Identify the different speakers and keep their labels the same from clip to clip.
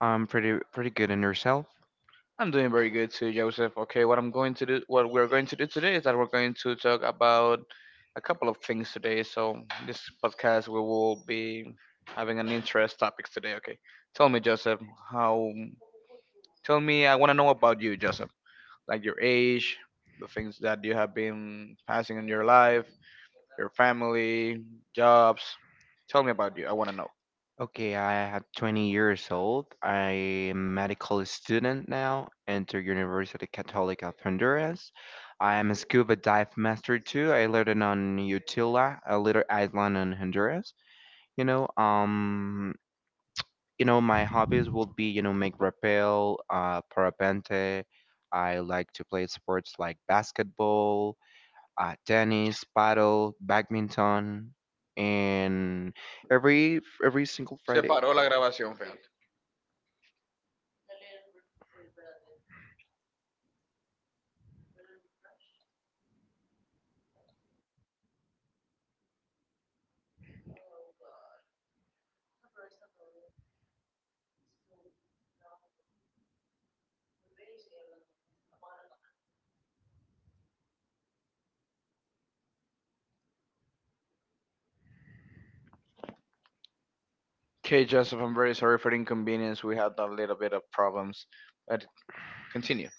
Speaker 1: I'm pretty good in yourself. Okay, I am 20 years old. I am medical student now, enter University Catholic of Honduras. I am a scuba dive master too. I learned on Utila, a little island in Honduras. You know, um, my hobbies would be, make rappel, parapente. I like to play sports like basketball, tennis, paddle, badminton, and every single Friday.
Speaker 2: Okay, Joseph, I'm very sorry for the inconvenience. We had a little bit of problems, but continue.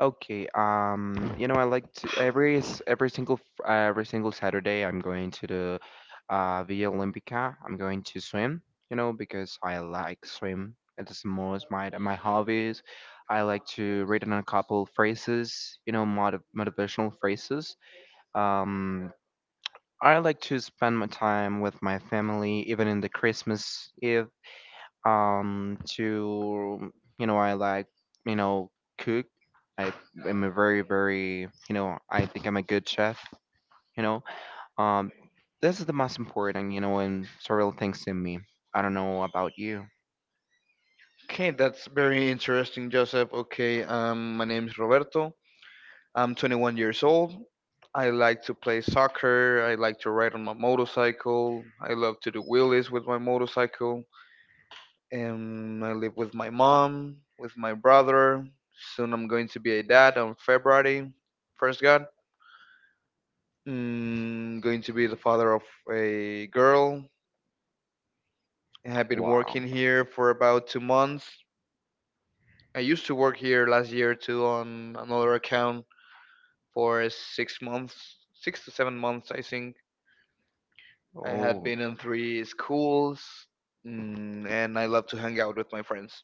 Speaker 1: Okay, I like to every s- every single fr- every single Saturday. I'm going to the Villa Olympica. I'm going to swim. You know, because I like swim. It is most my hobbies. I like to read on a couple phrases. You know, motivational phrases. Um, I like to spend my time with my family, even in the Christmas Eve. Um, to I like you know cook. I am a very I think I'm a good chef. You know, um, this is the most important and several things to me. I don't know about you.
Speaker 2: Okay, that's very interesting, Joseph. Okay, my name is Roberto. I'm 21 years old. I like to play soccer. I like to ride on my motorcycle. I love to do wheelies with my motorcycle. And I live with my mom, with my brother. Soon I'm going to be a dad on February, first God. Mm, going to be the father of a girl. I have been
Speaker 1: Wow.
Speaker 2: working here for about two months. I used to work here last year too on another account for six months, six to seven months, I think. I had
Speaker 1: Oh,
Speaker 2: been in three schools, mm, and I love to hang out with my friends.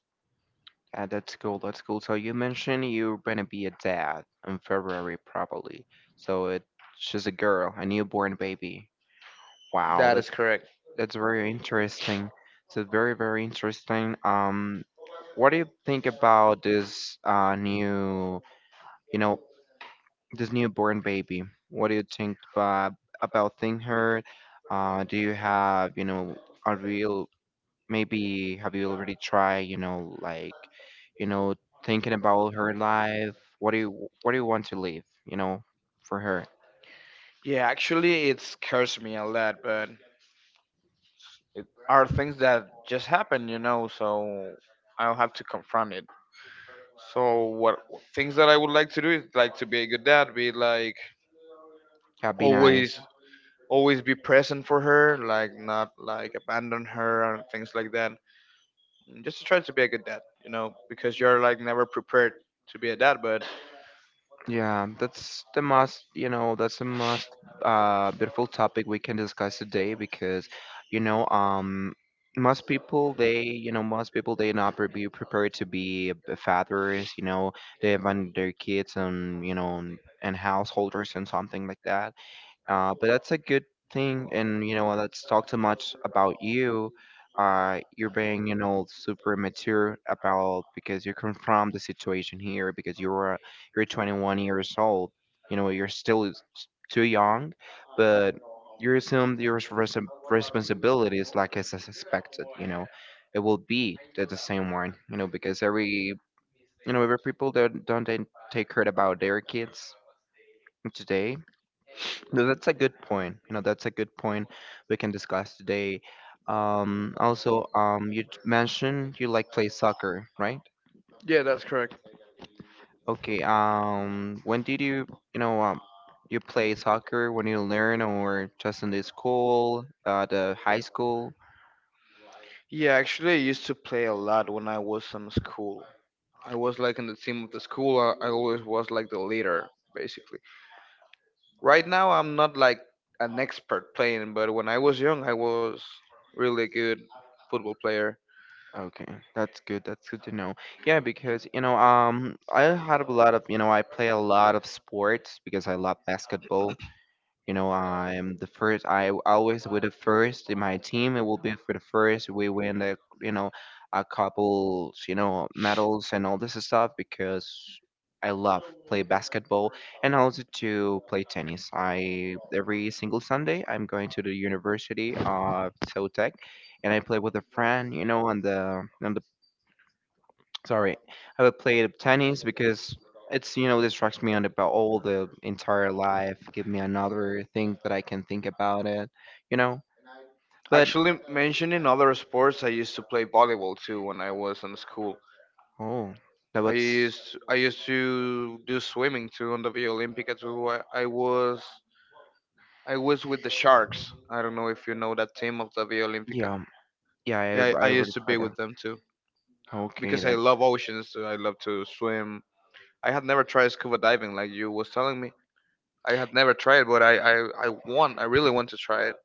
Speaker 1: yeah, that's cool. That's cool. So you mentioned you're gonna be a dad in February, probably. So it She's a girl, a newborn baby. Wow,
Speaker 2: That is
Speaker 1: that's
Speaker 2: correct.
Speaker 1: that's very interesting. So very, very interesting. What do you think about this new, you know, this newborn baby? What do you think about seeing her? Do you have, a real maybe, have you already tried, you know, thinking about her life? What do you want to leave, for her?
Speaker 2: Yeah, actually, it scares me a lot, but it are things that just happen, you know, so I'll have to confront it. So, what things that I would like to do is like to be a good dad, be like
Speaker 1: That'd be nice.
Speaker 2: always always be present for her, like not like abandon her and things like that. And just to try to be a good dad, you know, because you're like never prepared to be a dad. But
Speaker 1: Yeah, that's the most beautiful topic we can discuss today because, you know, um, most people they, you know, most people they not be prepared to be fathers. You know, they have on their kids, and and householders and something like that. But that's a good thing, and you know, let's talk too much about you. You're being, super mature about because you confront the situation here because you're 21 years old. You know, you're still too young, but you assume your responsibilities like as suspected. You know, it will be the same one. You know, because every you know every people that don't take care about their kids today. No, that's a good point. You know, that's a good point we can discuss today. Also, you mentioned you like play soccer, right?
Speaker 2: yeah, that's correct.
Speaker 1: Okay. When did you, you know, um, you play soccer when you learn or just in the school, the high school?
Speaker 2: Yeah, actually, I used to play a lot when I was in school. I was like in the team of the school. I always was like the leader, basically. Right now, I'm not like an expert playing, but when I was young, I was really good football player.
Speaker 1: Okay, that's good. That's good to know. Yeah, because I had a lot of, I play a lot of sports because I love basketball. You know, I'm the first. I always with the first in my team. It will be for the first. We win the a couple, medals and all this stuff because I love play basketball and also to play tennis. I every single Sunday I'm going to the University of Tech, and I play with a friend. You know, on the Sorry, I would play tennis because it's distracts me on about all the entire life, give me another thing that I can think about it, you know. But
Speaker 2: Actually, mentioning other sports, I used to play volleyball too when I was in school.
Speaker 1: oh, that
Speaker 2: I
Speaker 1: was
Speaker 2: used I used to do swimming too on the Via Olympica too. I was I was with the Sharks. I don't know if you know that team of the Via Olympica.
Speaker 1: yeah, yeah.
Speaker 2: Yeah,
Speaker 1: I
Speaker 2: I
Speaker 1: I
Speaker 2: used
Speaker 1: already
Speaker 2: to be
Speaker 1: tried
Speaker 2: with
Speaker 1: that.
Speaker 2: them too
Speaker 1: Okay,
Speaker 2: because I
Speaker 1: that.
Speaker 2: love oceans. So I love to swim. I had never tried scuba diving like you was telling me, I had never tried, but I want, I really want to try it.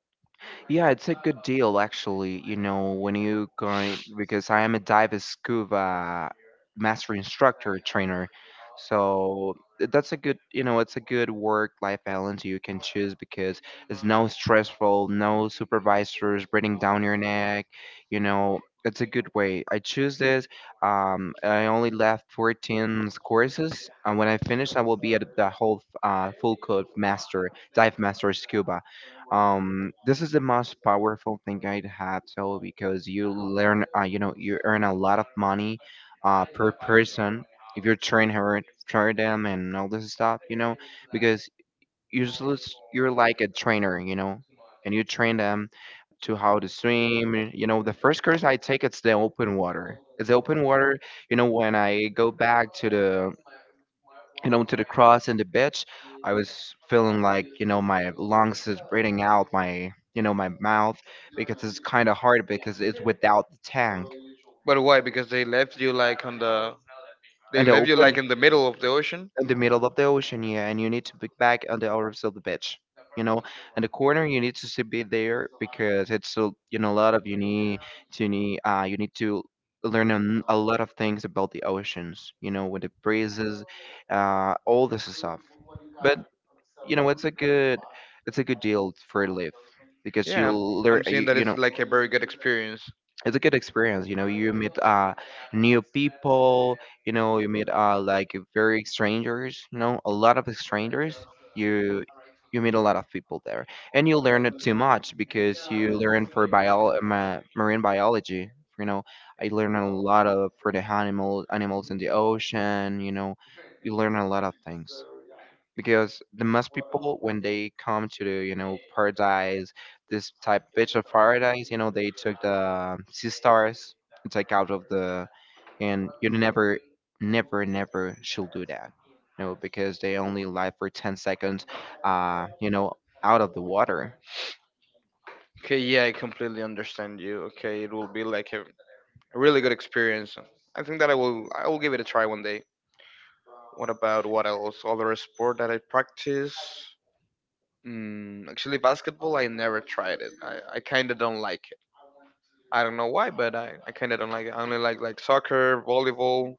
Speaker 1: Yeah, it's a good deal actually. You know, when you going, because I am a dive and scuba master instructor trainer. So that's a good, you know, it's a good work life balance you can choose because it's no stressful, no supervisors breathing down your neck. You know, it's a good way. I choose this. I only left 14 courses, and when I finish, I will be at the whole full code master, dive master scuba. This is the most powerful thing I'd had, so because you learn, you earn a lot of money, per person if you train her, train them, and all this stuff, you know, because you're just, you're like a trainer, you know, and you train them to how to swim. You know, the first course I take it's the open water. It's the open water. You know, when I go back to the and onto the cross and the bitch, I was feeling like, my lungs is breathing out my, my mouth, because it's kind of hard because it's without the tank
Speaker 2: But why? Because they left you like on the, they
Speaker 1: and the
Speaker 2: left you
Speaker 1: open
Speaker 2: like in the middle of the ocean.
Speaker 1: in the middle of the ocean, yeah, and you need to be back on the other side of the beach, you know, and the corner you need to be there because it's a, a lot of you need to need you need to learn a lot of things about the oceans, you know, with the breezes, all this stuff, but you know it's a good, it's a good deal for live, because you
Speaker 2: Yeah,
Speaker 1: learn
Speaker 2: I'm seeing
Speaker 1: you,
Speaker 2: that
Speaker 1: you
Speaker 2: it's
Speaker 1: know,
Speaker 2: like a very good experience.
Speaker 1: it's a good experience, you know, you meet new people, you know, you meet like very strangers, you know, a lot of strangers, you you meet a lot of people there, and you learn it too much because you learn for bio marine biology, you know, I learn a lot of for the animals in the ocean, you know, you learn a lot of things because the most people when they come to the, you know, paradise, this type bitch of paradise, you know, they took the sea stars and take out of the, and you never, never should do that, you know, because they only live for 10 seconds, you know, out of the water.
Speaker 2: Okay, yeah, I completely understand you. Okay, it will be like a really good experience. I think that I will give it a try one day. What about what else? Other sport that I practice? Mm, actually, basketball. I never tried it. I kind of don't like it. I don't know why, but I kind of don't like it. I only like soccer, volleyball,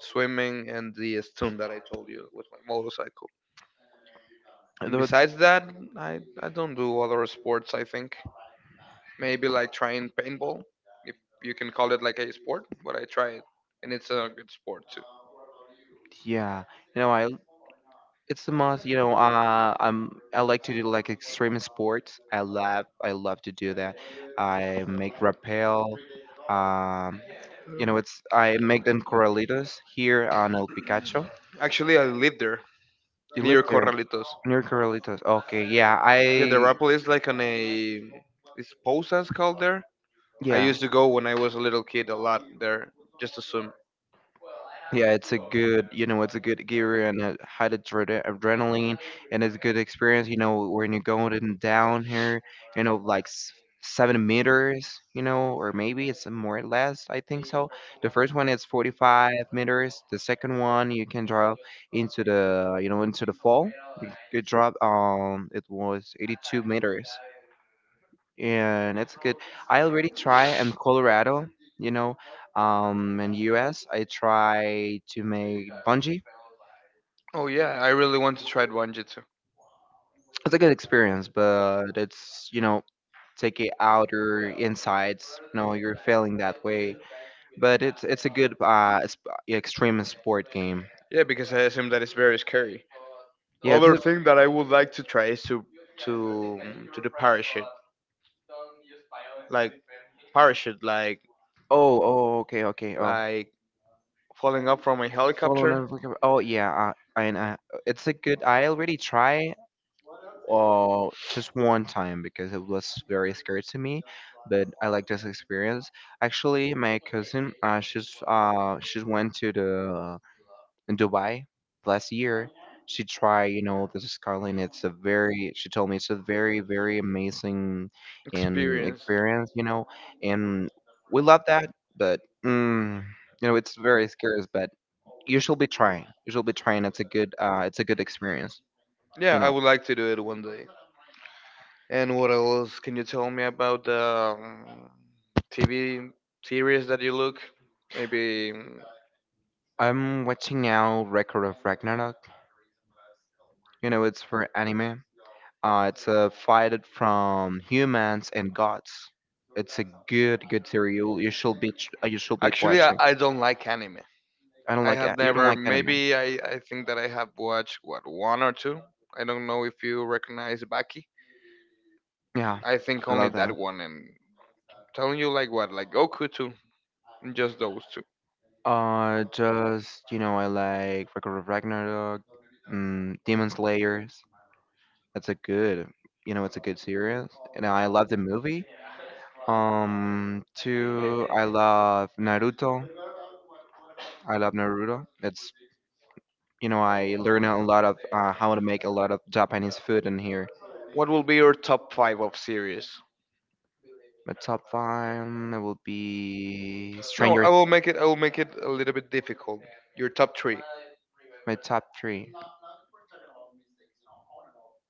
Speaker 2: swimming, and the stunt that I told you with my motorcycle. And
Speaker 1: Though it's
Speaker 2: besides that, I don't do other sports, I think. Maybe like trying paintball, if you can call it like a sport, but I try it, and it's a good sport too.
Speaker 1: yeah, you know I it's the most, you know, I like to do like extreme sports. I love to do that. I make rappel. Um, you know, it's I make them corralitos here on El Picacho.
Speaker 2: Actually, I live there,
Speaker 1: You
Speaker 2: near
Speaker 1: live there
Speaker 2: Corralitos.
Speaker 1: near Corralitos. Okay, yeah,
Speaker 2: Yeah, the
Speaker 1: I
Speaker 2: Rapel is like on a. It's posas called there. I
Speaker 1: yeah.
Speaker 2: used to go when I was a little kid a lot there just to swim.
Speaker 1: Yeah, it's a good, you know, it's a good gear and a high adrenaline, and it's a good experience. You know, when you're going in down here, you know, like 7 meters, you know, or maybe it's more or less. I think so. The first one is 45 meters. The second one you can drop into the, you know, into the fall. You drop. It was 82 meters. And it's good. I already try in Colorado, you know, in US, I try to make bungee.
Speaker 2: Oh yeah, I really want to try Wanjitsu.
Speaker 1: It's a good experience, but it's, you know, take it outer insides. No, you're failing that way. But it's a good extreme sport game.
Speaker 2: Yeah, because I assume that it's very scary.
Speaker 1: Yeah, it's
Speaker 2: Other
Speaker 1: a,
Speaker 2: thing that I would like to try is to to do like parachute,
Speaker 1: oh, oh, okay, okay. Oh,
Speaker 2: like falling up from a
Speaker 1: following
Speaker 2: helicopter
Speaker 1: up, like, oh yeah, and it's a good. I already try just one time because it was very scary to me, but I like this experience. Actually, my cousin, she went to the in Dubai last year. She tried, you know, the skyline. It's a very, she told me it's a very, very amazing and
Speaker 2: experience.
Speaker 1: experience, you know, and we love that, but mm, you know, it's very scary. But you should be trying. You should be trying. It's a good experience.
Speaker 2: Yeah,
Speaker 1: You
Speaker 2: I
Speaker 1: know.
Speaker 2: would like to do it one day. And what else can you tell me about the um, TV series that you look? Maybe
Speaker 1: I'm watching now Record of Ragnarok. You know, it's for anime. It's a fight it from humans and gods. It's a good series. You should be you should be
Speaker 2: actually
Speaker 1: watching.
Speaker 2: I don't like anime.
Speaker 1: I don't
Speaker 2: I
Speaker 1: like
Speaker 2: had
Speaker 1: you don't
Speaker 2: never.
Speaker 1: like anime.
Speaker 2: Maybe I think that I have watched what one or two. I don't know if you recognize Baki.
Speaker 1: Yeah,
Speaker 2: I think
Speaker 1: I
Speaker 2: only
Speaker 1: love
Speaker 2: that
Speaker 1: that.
Speaker 2: one, and telling you like what, like Goku too, and just those two.
Speaker 1: Just you know, I like Record of Ragnarok, Demon Slayers. That's a good, you know, it's a good series. And I love the movie. Two, I love Naruto. I love Naruto. It's, you know, I learn a lot of how to make a lot of Japanese food in here.
Speaker 2: What will be your top five of series?
Speaker 1: My top five it will be
Speaker 2: No,
Speaker 1: Stranger.
Speaker 2: I will make it. I will make it a little bit difficult. Your top three.
Speaker 1: My top three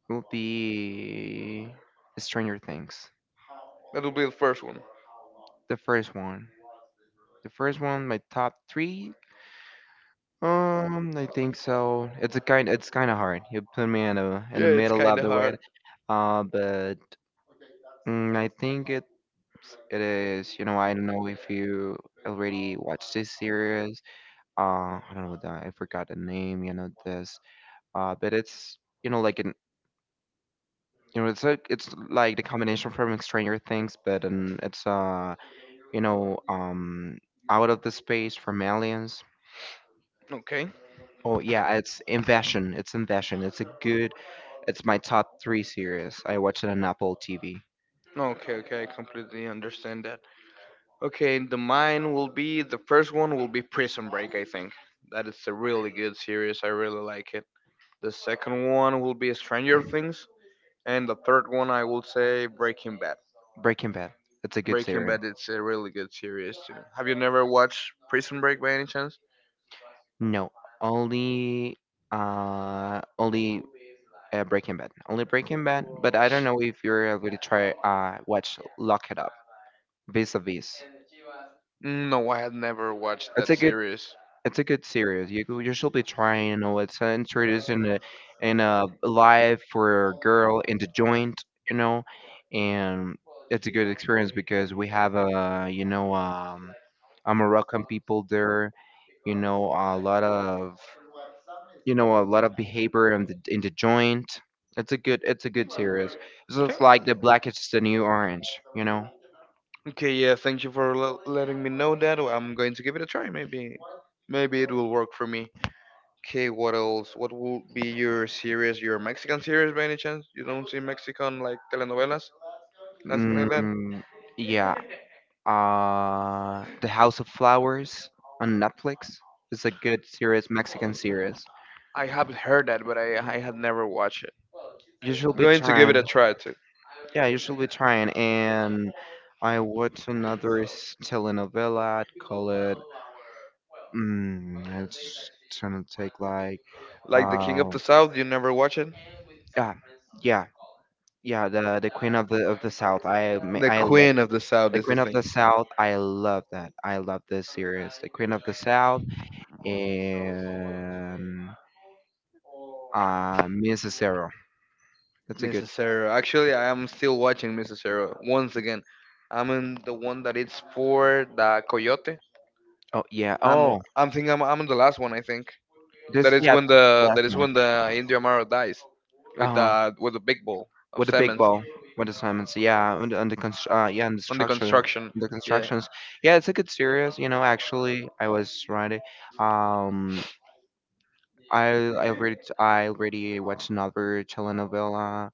Speaker 1: will be Stranger Things.
Speaker 2: That will be the first one.
Speaker 1: The first one. The first one, my top three. I think so. It's a kind. It's kind of hard. You put me in a in the
Speaker 2: Yeah, it's
Speaker 1: middle
Speaker 2: kind
Speaker 1: of
Speaker 2: of
Speaker 1: the way.
Speaker 2: hard.
Speaker 1: But I think it is, you know, I don't know if you already watched this series. I don't know that I forgot the name, you know, this. But it's, you know, like an, you know, it's like the combination from Stranger Things, but it's you know, um, out of the space from aliens.
Speaker 2: Okay.
Speaker 1: Oh yeah, it's Invasion. It's Invasion. It's a good. It's my top three series. I watch it on Apple TV.
Speaker 2: Okay. Okay. I completely understand that. Okay, in the mine will be the first one will be Prison Break, I think. That is a really good series. I really like it. The second one will be Stranger Things, and the third one I will say Breaking Bad.
Speaker 1: Breaking Bad. It's a good
Speaker 2: Breaking
Speaker 1: series.
Speaker 2: Bad it's a really good series too. Have you never watched Prison Break by any chance?
Speaker 1: No, only only Breaking Bad. Only Breaking Bad, but I don't know if you're able to try watch Lock It Up, Vis-a-Vis.
Speaker 2: No, I had never watched
Speaker 1: It's
Speaker 2: that
Speaker 1: a good
Speaker 2: series.
Speaker 1: it's a good series. You should be trying, you know, it's introduced in a life for a girl in the joint, you know, and it's a good experience because we have a a Moroccan people there. You know a lot of you know a lot of behavior in the joint. It's a good series. So
Speaker 2: Okay.
Speaker 1: it's like the black is the new orange. You know.
Speaker 2: Okay, yeah, thank you for letting me know that. I'm going to give it a try. Maybe maybe it will work for me. Okay, what else? What will be your series, your Mexican series by any chance? You don't see Mexican like telenovelas? Nothing like that?
Speaker 1: Mm, yeah. The House of Flowers on Netflix. It's a good series, Mexican series.
Speaker 2: I have heard that, but I had never watched it.
Speaker 1: You should be
Speaker 2: Going to give it a
Speaker 1: trying.
Speaker 2: try too.
Speaker 1: Yeah, I usually we try and I watch another telenovela. I'd call it. It's gonna take like.
Speaker 2: Like The King of the
Speaker 1: Um,
Speaker 2: South, you never watch it?
Speaker 1: yeah, yeah, yeah. The Queen of the South.
Speaker 2: The
Speaker 1: I love
Speaker 2: Queen of the South
Speaker 1: the
Speaker 2: is the
Speaker 1: Queen of
Speaker 2: thing.
Speaker 1: the South. I love that. I love this series, the Queen of the South, and Mrs. Zero. That's a good.
Speaker 2: Mrs. Sarah. Actually, I am still watching Mrs. Sarah once again. I'm in the one that it's for the coyote.
Speaker 1: Oh yeah. Oh,
Speaker 2: I'm thinking I'm on the last one. I think that
Speaker 1: this
Speaker 2: is
Speaker 1: yeah.
Speaker 2: when
Speaker 1: This is the
Speaker 2: the
Speaker 1: last
Speaker 2: that is
Speaker 1: one.
Speaker 2: when the Indio Amaro dies
Speaker 1: Uh-huh.
Speaker 2: with the big ball of
Speaker 1: With the big
Speaker 2: cement
Speaker 1: ball with the Simons. Yeah, and yeah, and the
Speaker 2: on the
Speaker 1: structure,
Speaker 2: construction.
Speaker 1: the
Speaker 2: Yeah,
Speaker 1: constructions. Yeah, it's a good series. You know, actually, I was right. Um, I already watched another telenovela.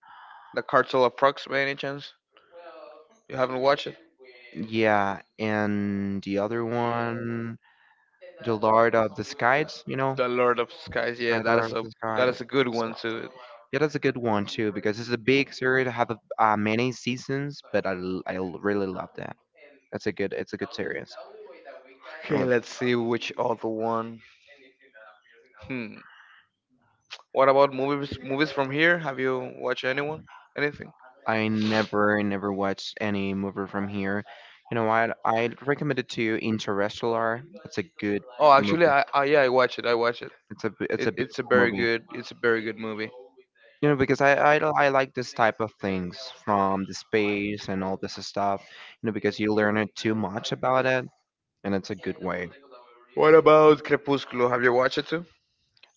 Speaker 2: the Cartel of Prox by any chance? You haven't watched it?
Speaker 1: Yeah, and the other one, The Lord of the Skies, you know?
Speaker 2: The Lord of Skies. Yeah,
Speaker 1: Sky, The Lord of the Sky.
Speaker 2: that is a good
Speaker 1: Sky.
Speaker 2: one too.
Speaker 1: Yeah, that's a good one too because it's a big series. I have a, many seasons, but I really love that. It's a good series.
Speaker 2: Okay,
Speaker 1: Uh,
Speaker 2: let's see which other one. Hmm. What about movies? Movies from here? Have you watched anyone? Anything?
Speaker 1: I never watched any movie from here. You know what? I recommend it to you Interstellar. It's a good
Speaker 2: Oh, actually,
Speaker 1: movie.
Speaker 2: I yeah, I watched it. I watched it.
Speaker 1: It's a
Speaker 2: It's a
Speaker 1: beautiful
Speaker 2: very
Speaker 1: movie.
Speaker 2: good it's a very good movie.
Speaker 1: You know because I like this type of things from the space and all this stuff. You know because you learn it too much about it and it's a good way.
Speaker 2: What about Crepúsculo? Have you watched it too?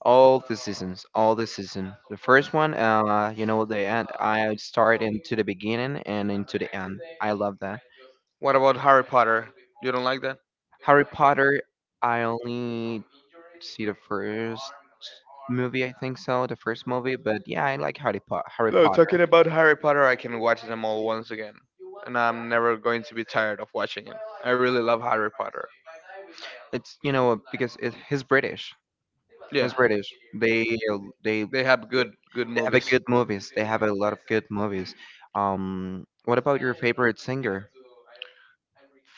Speaker 1: All the seasons, all the season. The first one, you know, the end. I start into the beginning and into the end. I love that.
Speaker 2: What about Harry Potter? You don't like that?
Speaker 1: Harry Potter, I only see the first movie, I think so, the first movie. But yeah, I like Harry
Speaker 2: No,
Speaker 1: Potter.
Speaker 2: talking about Harry Potter, I can watch them all once again, and I'm never going to be tired of watching it. I really love Harry Potter.
Speaker 1: It's you know because it, he's British. He's
Speaker 2: Yeah,
Speaker 1: British. They
Speaker 2: they have good good
Speaker 1: they have a
Speaker 2: movies.
Speaker 1: good movies. They have a lot of good movies. What about your favorite singer?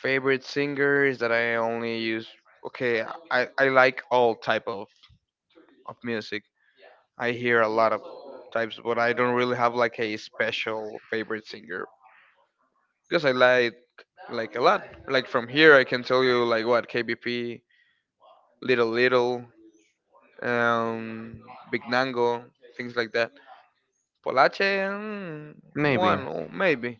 Speaker 2: Favorite singers that I only use. Okay, I like all type of music. I hear a lot of types, but I don't really have like a special favorite singer because I like a lot. Like from here, I can tell you like what KBP, Little Little, um, Big Nango, things like that. Polache, mm,
Speaker 1: Maybe
Speaker 2: one oh, maybe.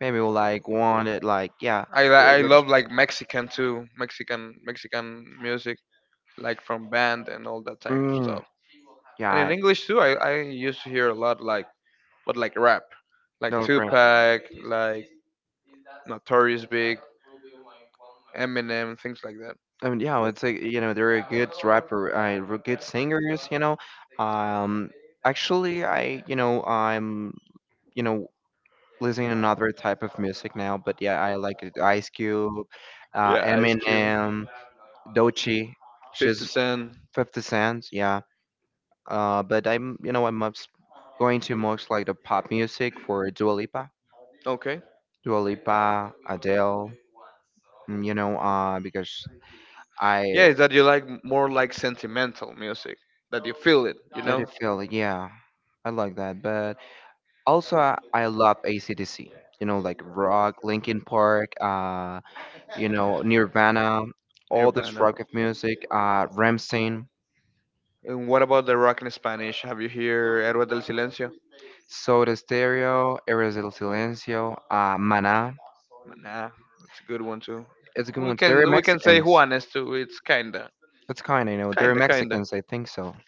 Speaker 1: maybe we'll like one that like yeah.
Speaker 2: I love like Mexican too, Mexican Mexican music, like from band and all that type of
Speaker 1: Mm.
Speaker 2: stuff.
Speaker 1: Yeah,
Speaker 2: And in
Speaker 1: I-
Speaker 2: English too, I used to hear a lot like but like rap, like
Speaker 1: no rap.
Speaker 2: Tupac, like Notorious Big, Eminem, things like that.
Speaker 1: I mean, yeah, it's like you know they're a good rapper, good singers. You know, um, actually, I you know I'm you know listening to another type of music now, but yeah, I like it. Ice Cube,
Speaker 2: Yeah, Ice Cube,
Speaker 1: Eminem, Doechii,
Speaker 2: 50
Speaker 1: she's
Speaker 2: Cent.
Speaker 1: 50 Cent, yeah. But I'm you know I'm obs- going to most like the pop music for Dua Lipa,
Speaker 2: Okay.
Speaker 1: Dua Lipa, Adele, you know, because I
Speaker 2: Yeah, is that you like more like sentimental music, that you feel it, you
Speaker 1: let it
Speaker 2: know?
Speaker 1: feel, like, yeah. I like that, but also I love ACDC. You know, like rock, Linkin Park, you know, Nirvana, all this
Speaker 2: Urbano.
Speaker 1: rock of music, Rammstein,
Speaker 2: And what about the rock in Spanish? Have you heard Héroes del Silencio?
Speaker 1: Soda Stereo, Eres del Silencio, Mana.
Speaker 2: Nah, it's a good one too.
Speaker 1: It's a good
Speaker 2: We
Speaker 1: one. They're
Speaker 2: can we can say
Speaker 1: Mexicans.
Speaker 2: Juanes too. It's kinda,
Speaker 1: That's kind, I know. They're
Speaker 2: kinda, kinda.
Speaker 1: Mexicans, I think so.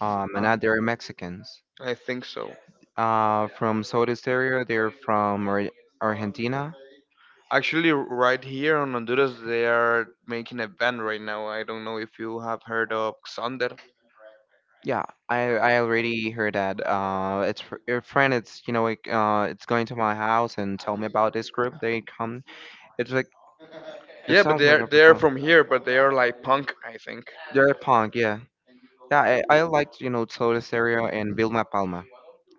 Speaker 2: Uh,
Speaker 1: Mana, they're Mexicans.
Speaker 2: I think so.
Speaker 1: From Soda Stereo, they're from Argentina.
Speaker 2: Actually, right here on Honduras, they are making a band right now. I don't know if you have heard of Xander.
Speaker 1: Yeah, I already heard that. Your friend. It's you know like it's going to my house and tell me about this group. They come. It's like it
Speaker 2: Yeah, but
Speaker 1: sounds like a
Speaker 2: they're
Speaker 1: punk.
Speaker 2: from here, but they are like punk, I think.
Speaker 1: They're punk. Yeah, yeah. I liked you know Soda Stereo and Vilma Palma.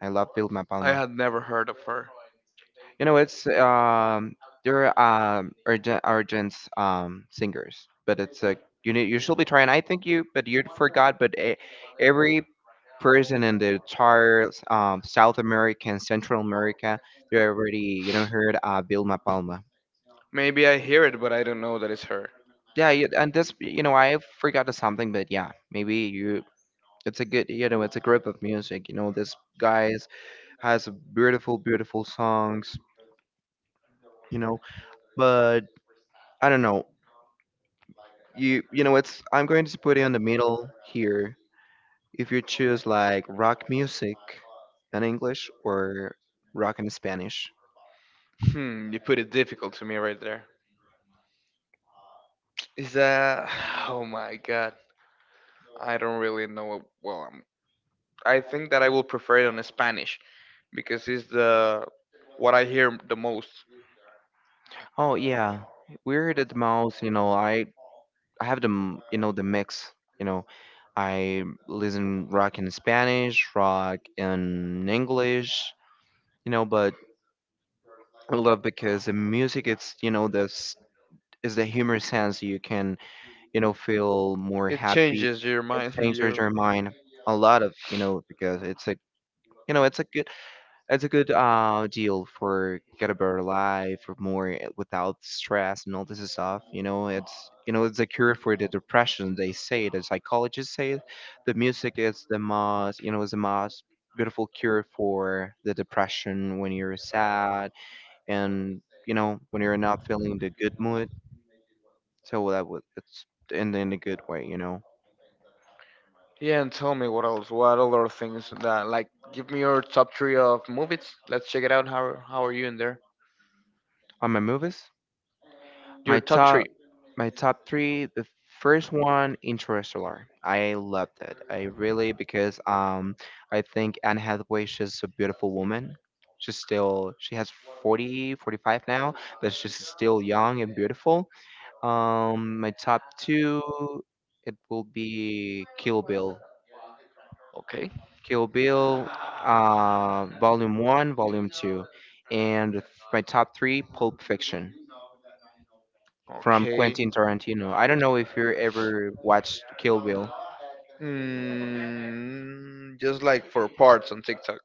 Speaker 1: I love Vilma
Speaker 2: I
Speaker 1: Palma.
Speaker 2: had never heard of her.
Speaker 1: You know it's they're urgent singers, but it's like you need you should be trying. I think you but you forgot. Every person in the entire South America and Central America, they already, you know, heard Vilma Palma.
Speaker 2: Maybe I hear it, but I don't know that it's her.
Speaker 1: Yeah, you- and this, you know, I forgot something, but yeah, maybe you. It's a good, you know, it's a group of music. You know, this guys has beautiful, beautiful songs. You know, but I don't know. You know, it's. I'm going to put it in the middle here. If you choose like rock music in English or rock in Spanish.
Speaker 2: Hmm, you put it difficult to me right there. Is that? Oh my God, I don't really know. Well, I think that I will prefer it on Spanish because it's the what I hear the most.
Speaker 1: Oh yeah, Weird at the Mouse. You know, I have you know the mix. You know, I listen rock in Spanish, rock in English. You know, but I love because the music it's you know this is the humor sense you can you know feel more
Speaker 2: It
Speaker 1: happy.
Speaker 2: changes your
Speaker 1: It
Speaker 2: mind.
Speaker 1: changes your
Speaker 2: Your
Speaker 1: mind a lot of you know because it's a you know it's a good deal for get a better life or more without stress and all this stuff. You know it's a cure for the depression. They say the psychologists say it. The music is the most you know is the most beautiful cure for the depression when you're sad and you know when you're not feeling the good mood. So that was it's in a good way. You know,
Speaker 2: yeah, and tell me what else? What other things that like? Give me your top three of movies. Let's check it out. How are you in there?
Speaker 1: on my movies.
Speaker 2: Your
Speaker 1: My
Speaker 2: top
Speaker 1: top
Speaker 2: three.
Speaker 1: my top three. The first one, Interstellar. I loved it. I really because I think Anne Hathaway she's a beautiful woman. She's still she has 40, 45 now, but she's still young and beautiful. My top two, it will be Kill Bill.
Speaker 2: Okay.
Speaker 1: Kill Bill, Volume One, Volume Two, and my top three, Pulp Fiction. From
Speaker 2: Okay.
Speaker 1: Quentin Tarantino. I don't know if you ever watched Kill Bill.
Speaker 2: Mm, just like for parts on TikTok.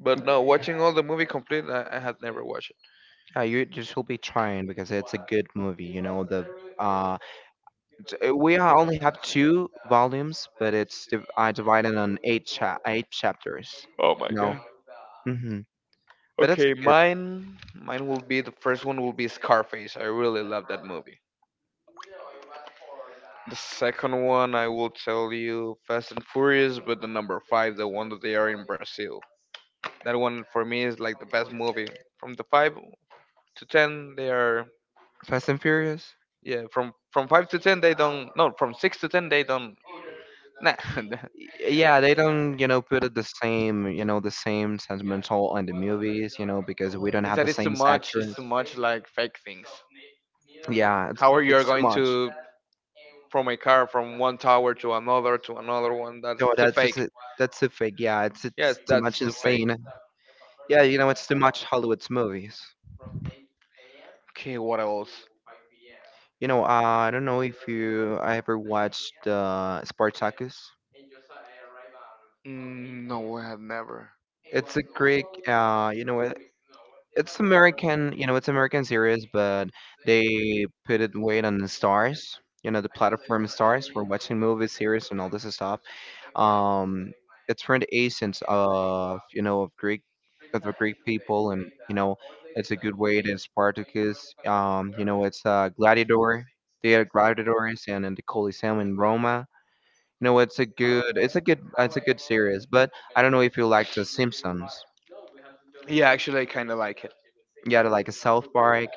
Speaker 2: But no, watching all the movie complete, I had never watched it.
Speaker 1: Yeah, you should be trying because it's a good movie. You know the uh, we are only have 2 volumes, but it's divided on eight eight chapters.
Speaker 2: Oh my
Speaker 1: You know,
Speaker 2: god.
Speaker 1: hmm but that's
Speaker 2: Okay,
Speaker 1: a good.
Speaker 2: mine will be the first one will be Scarface. I really love that movie. The second one I will tell you Fast and Furious, but the number five, the one that they are in Brazil. That one for me is like the best movie. From the five to ten, they are
Speaker 1: Fast and Furious.
Speaker 2: yeah. From five to ten, they don't. No, from six to ten, they don't. Nah,
Speaker 1: Yeah, they don't you know put it the same you know the same sentimental on the movies you know because we don't
Speaker 2: it's
Speaker 1: have
Speaker 2: that
Speaker 1: the
Speaker 2: it's too
Speaker 1: same
Speaker 2: much. It's
Speaker 1: actors.
Speaker 2: too much like fake things.
Speaker 1: Yeah,
Speaker 2: How are you are
Speaker 1: it's too
Speaker 2: going
Speaker 1: much.
Speaker 2: to from a car from one tower to another one? That's
Speaker 1: No,
Speaker 2: too
Speaker 1: that's just
Speaker 2: fake.
Speaker 1: it. That's a fake. Yeah,
Speaker 2: Yes,
Speaker 1: it's too
Speaker 2: that's
Speaker 1: much
Speaker 2: too fake.
Speaker 1: insane. Yeah, you know, it's too much Hollywood's movies.
Speaker 2: Okay, what else?
Speaker 1: You know, I don't know if you I ever watched Spartacus.
Speaker 2: Mm, no, I have never.
Speaker 1: It's a Greek. You know, it's American. You know, it's American series, but they put it weight on the stars. You know, the platform stars for watching movies, series, and all this stuff. um it's for the essence of you know of greek of the greek people and you know it's a good way to spartacus you know it's a gladiator they are gladiators and in the coliseum in roma you know it's a good it's a good it's a good series but I don't know if you like the simpsons
Speaker 2: Yeah, actually, I kind of like it.
Speaker 1: yeah like a south park.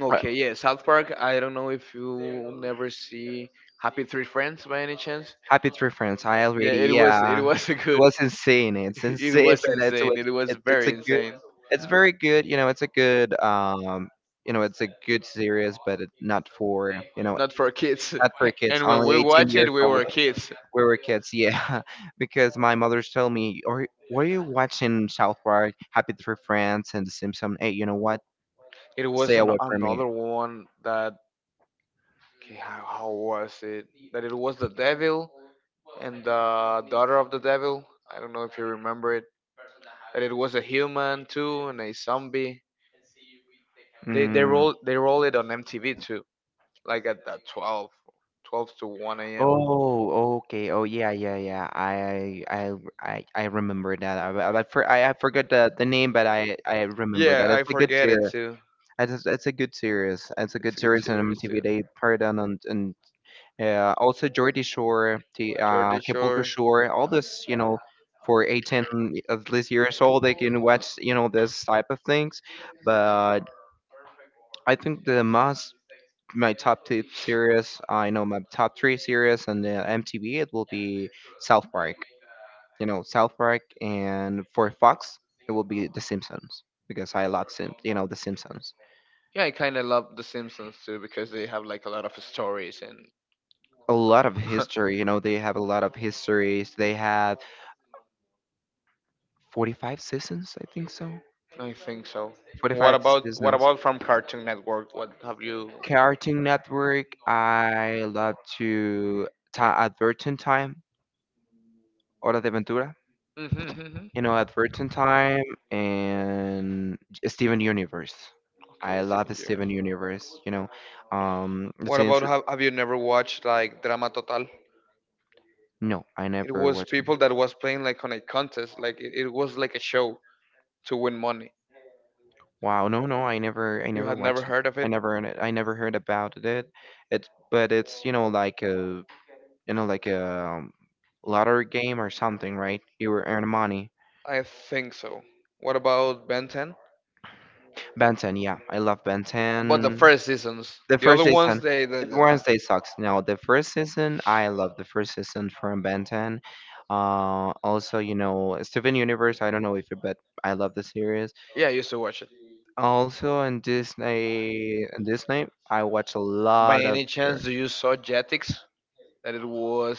Speaker 2: Okay, yeah, South Park. I don't know if you never see Happy Three Friends by any chance.
Speaker 1: Happy Tree Friends. I
Speaker 2: Yeah,
Speaker 1: already,
Speaker 2: it
Speaker 1: yeah.
Speaker 2: was a
Speaker 1: It
Speaker 2: good.
Speaker 1: was insane. It's
Speaker 2: It
Speaker 1: insane,
Speaker 2: was
Speaker 1: but it's
Speaker 2: insane.
Speaker 1: was
Speaker 2: It was
Speaker 1: it's
Speaker 2: very
Speaker 1: a good.
Speaker 2: insane.
Speaker 1: It's very good. You know, it's a good. You know, it's a good series, but it, not for you know,
Speaker 2: Not for kids.
Speaker 1: not for kids.
Speaker 2: And when
Speaker 1: Only
Speaker 2: we
Speaker 1: 18
Speaker 2: watched
Speaker 1: years
Speaker 2: it, we
Speaker 1: old.
Speaker 2: were kids.
Speaker 1: We were kids, yeah. Because my mother's told me, or were you watching South Park, Happy Tree Friends, and The Simpsons? Hey, you know what?
Speaker 2: It was
Speaker 1: Stay
Speaker 2: an,
Speaker 1: away from me.
Speaker 2: another one that. Okay, how was it? That it was the devil and the daughter of the devil. I don't know if you remember it. That it was a human too and a zombie. They
Speaker 1: Mm.
Speaker 2: roll they roll it on MTV too, like at that 12, 12 to one a.m.
Speaker 1: Oh, okay. Oh, yeah, yeah, yeah. I remember that. I forgot the name, but I remember
Speaker 2: Yeah,
Speaker 1: that.
Speaker 2: I
Speaker 1: It's a good
Speaker 2: forget it
Speaker 1: series.
Speaker 2: too.
Speaker 1: It's a good series. It's a
Speaker 2: It's
Speaker 1: good
Speaker 2: a good
Speaker 1: series on
Speaker 2: series
Speaker 1: MTV.
Speaker 2: too.
Speaker 1: They paired on and also Geordie Shore, the
Speaker 2: Jordy
Speaker 1: Acapulco
Speaker 2: Shore.
Speaker 1: Shore, all this, you know, for 18 at least years old, they can watch, you know, this type of things. But I think the most my top two series. I know my top three series on the MTV. It will be South Park. You know, South Park, and for Fox, it will be The Simpsons because I love Sim. You know, The Simpsons.
Speaker 2: Yeah, I kind of love The Simpsons too because they have like a lot of stories and
Speaker 1: A lot of history. You know, they have a lot of histories. They have 45 seasons, I think so.
Speaker 2: I think so.
Speaker 1: 45
Speaker 2: What
Speaker 1: seasons.
Speaker 2: about from Cartoon Network? What have you?
Speaker 1: Cartoon Network. I love to Advertent Time. Hora de Aventura,
Speaker 2: Mhm, mhm.
Speaker 1: you know, Advertent Time and Steven Universe. I
Speaker 2: Okay,
Speaker 1: love
Speaker 2: seven
Speaker 1: the
Speaker 2: years.
Speaker 1: Steven Universe, you know. Um, it's
Speaker 2: What
Speaker 1: an
Speaker 2: about
Speaker 1: inter-
Speaker 2: have you never watched like Drama Total?
Speaker 1: no, I
Speaker 2: It
Speaker 1: never
Speaker 2: was
Speaker 1: watched
Speaker 2: people
Speaker 1: it.
Speaker 2: that was playing like on a contest, like it was like a show to win money.
Speaker 1: Wow, no, no, I
Speaker 2: You
Speaker 1: never
Speaker 2: had never
Speaker 1: watched it.
Speaker 2: heard of it?
Speaker 1: I never heard about it. But it's, you know, like a, you know, like a lottery game or something, right? You were earning money.
Speaker 2: I think so. What about Ben 10?
Speaker 1: Ben 10, yeah, I love Ben
Speaker 2: But the
Speaker 1: 10.
Speaker 2: first seasons,
Speaker 1: The
Speaker 2: the
Speaker 1: first
Speaker 2: other
Speaker 1: season,
Speaker 2: ones, they they
Speaker 1: it
Speaker 2: they're not.
Speaker 1: Wednesday sucks. No, the first season, I love the first season from Ben 10. Also, you know, Steven Universe. I don't know if you, but I love the series.
Speaker 2: Yeah, I used to watch it.
Speaker 1: Also on Disney, I watch a
Speaker 2: By
Speaker 1: lot of
Speaker 2: any chance,
Speaker 1: her.
Speaker 2: do you saw Jetix? That it was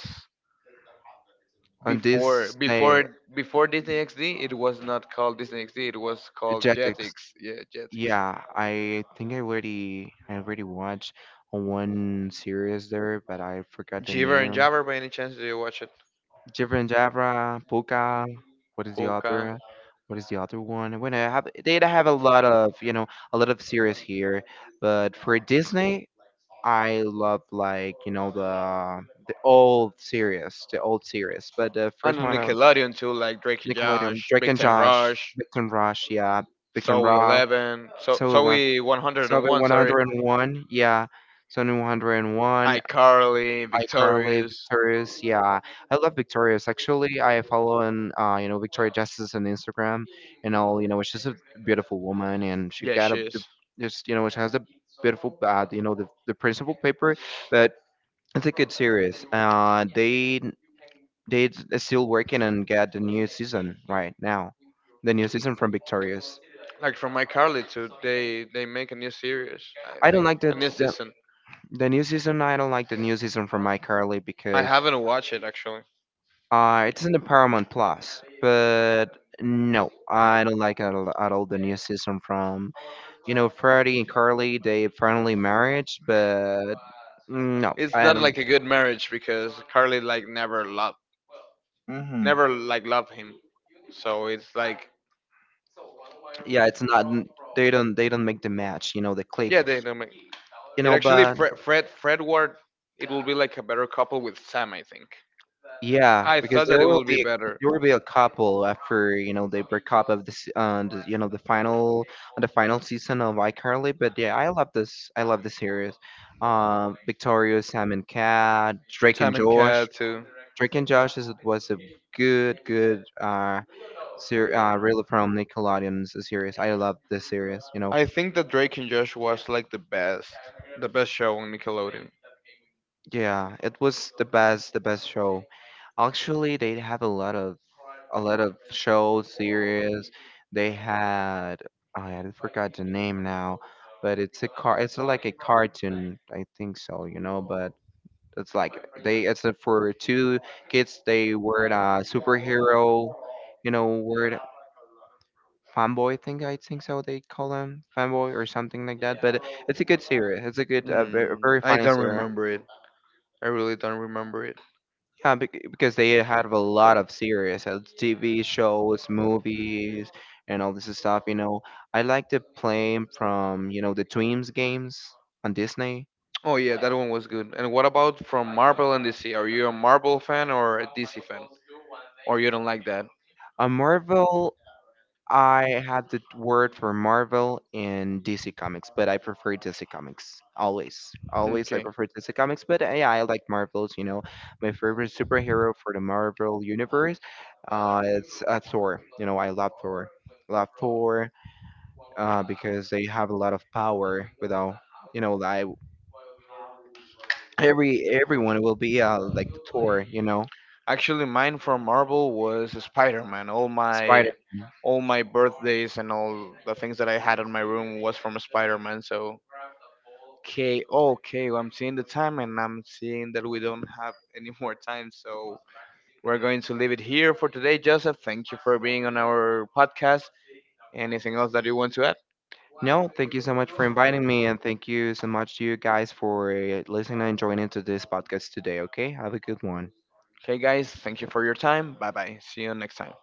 Speaker 1: On
Speaker 2: before
Speaker 1: Disney,
Speaker 2: before before Disney XD. It was not called Disney XD. It was called
Speaker 1: Jetix.
Speaker 2: Jetix. Yeah, Jetix.
Speaker 1: Yeah, I think I already watched one series there, but I forgot the
Speaker 2: Jeever and
Speaker 1: name.
Speaker 2: Jabber. By any chance, do you watch it?
Speaker 1: Jibber and Jabra, Puka. What is the
Speaker 2: Polka.
Speaker 1: other? What is the other one? When I have, they have a lot of, you know, a lot of series here, but for Disney, I love like you know the old series, the old series, but the
Speaker 2: And
Speaker 1: first
Speaker 2: on
Speaker 1: one
Speaker 2: the
Speaker 1: of
Speaker 2: Nickelodeon too, like Drake and
Speaker 1: Nickelodeon,
Speaker 2: Josh,
Speaker 1: Drake
Speaker 2: Big
Speaker 1: and
Speaker 2: Time
Speaker 1: Josh,
Speaker 2: Rush,
Speaker 1: Victor and Rush, yeah, Victor
Speaker 2: So
Speaker 1: and
Speaker 2: we
Speaker 1: Rush,
Speaker 2: 11, so
Speaker 1: so
Speaker 2: so
Speaker 1: left,
Speaker 2: we
Speaker 1: Seven
Speaker 2: 101,
Speaker 1: One
Speaker 2: sorry,
Speaker 1: Hundred and One, yeah, 7 101,
Speaker 2: iCarly,
Speaker 1: iCarly,
Speaker 2: Victorious.
Speaker 1: Victorious, yeah, I love Victorious. Actually, I follow on you know Victoria Justice on Instagram, and all you know she's a beautiful woman, and she
Speaker 2: Yeah,
Speaker 1: got a
Speaker 2: she
Speaker 1: the,
Speaker 2: is.
Speaker 1: just you know she has a beautiful you know the principal paper. But it's a good series. They are still working and get the new season right now, the new season from Victorious.
Speaker 2: Like from iCarly too, they make a new series, I
Speaker 1: I don't
Speaker 2: think,
Speaker 1: like
Speaker 2: a new season.
Speaker 1: the new season. I don't like the new season from iCarly
Speaker 2: I
Speaker 1: because
Speaker 2: haven't watched it actually.
Speaker 1: it's in the Paramount Plus. But no, I don't like at all the new season from you know Freddie and Carly. They finally married, but no,
Speaker 2: It's
Speaker 1: I
Speaker 2: not
Speaker 1: don't.
Speaker 2: like a good marriage because Carly like never loved,
Speaker 1: mm,
Speaker 2: never like loved him. So it's like
Speaker 1: Yeah, it's not. They don't make the match. You know, the
Speaker 2: yeah,
Speaker 1: click.
Speaker 2: they know me.
Speaker 1: You
Speaker 2: It
Speaker 1: know,
Speaker 2: actually
Speaker 1: but
Speaker 2: Fred Ward. It will be like a better couple with Sam, I think.
Speaker 1: yeah,
Speaker 2: I
Speaker 1: because
Speaker 2: thought that
Speaker 1: there
Speaker 2: it
Speaker 1: will
Speaker 2: would be
Speaker 1: be
Speaker 2: better.
Speaker 1: there will be a couple after you know they break up of this you know the final on the final season of iCarly. But yeah, I love this. I love this series. Victoria, Sam and Cat, Drake and
Speaker 2: Sam and
Speaker 1: Josh.
Speaker 2: Cat too.
Speaker 1: Drake and Josh is was a good really from Nickelodeon's series. I love this series. You know,
Speaker 2: I think that Drake and Josh was like the best show on Nickelodeon.
Speaker 1: yeah, it was the best show. Actually, they have a lot of shows, series. They had oh, yeah, I forgot the name now, but it's a car. It's like a cartoon, I think so. You know, but it's like they it's a- for two kids. They were a superhero, you know, word fanboy thing. I think so. They call them fanboy or something like that. But it's a good series. It's a good, very,
Speaker 2: Mm,
Speaker 1: very
Speaker 2: I
Speaker 1: funny
Speaker 2: don't
Speaker 1: series.
Speaker 2: remember it. I really don't remember it.
Speaker 1: Yeah, because they have a lot of series, TV shows, movies, and all this stuff. You know, I like to play 'em from you know the Twins games on Disney.
Speaker 2: Oh yeah, that one was good. And what about from Marvel and DC? Are you a Marvel fan or a DC fan? Or you don't like that?
Speaker 1: On Marvel, I had the word for Marvel in DC Comics, but I prefer DC Comics always. Always, I
Speaker 2: Okay.
Speaker 1: prefer DC Comics, but yeah, I like Marvels. You know, my favorite superhero for the Marvel universe, it's Thor. You know, I love Thor. Love Thor. Because they have a lot of power without you know like every everyone will be like the tour you know
Speaker 2: Actually, mine from Marvel was Spider-Man.
Speaker 1: spider
Speaker 2: All my birthdays and all the things that I had in my room was from Spider-Man. So, okay, okay, well, I'm seeing the time and I'm seeing that we don't have any more time. So, we're going to leave it here for today, Joseph. Thank you for being on our podcast. Anything else that you want to add?
Speaker 1: no thank you so much for inviting me and thank you so much to you guys for listening and joining to this podcast today okay have a good one
Speaker 2: Okay, guys, thank you for your time. Bye-bye. See you next time.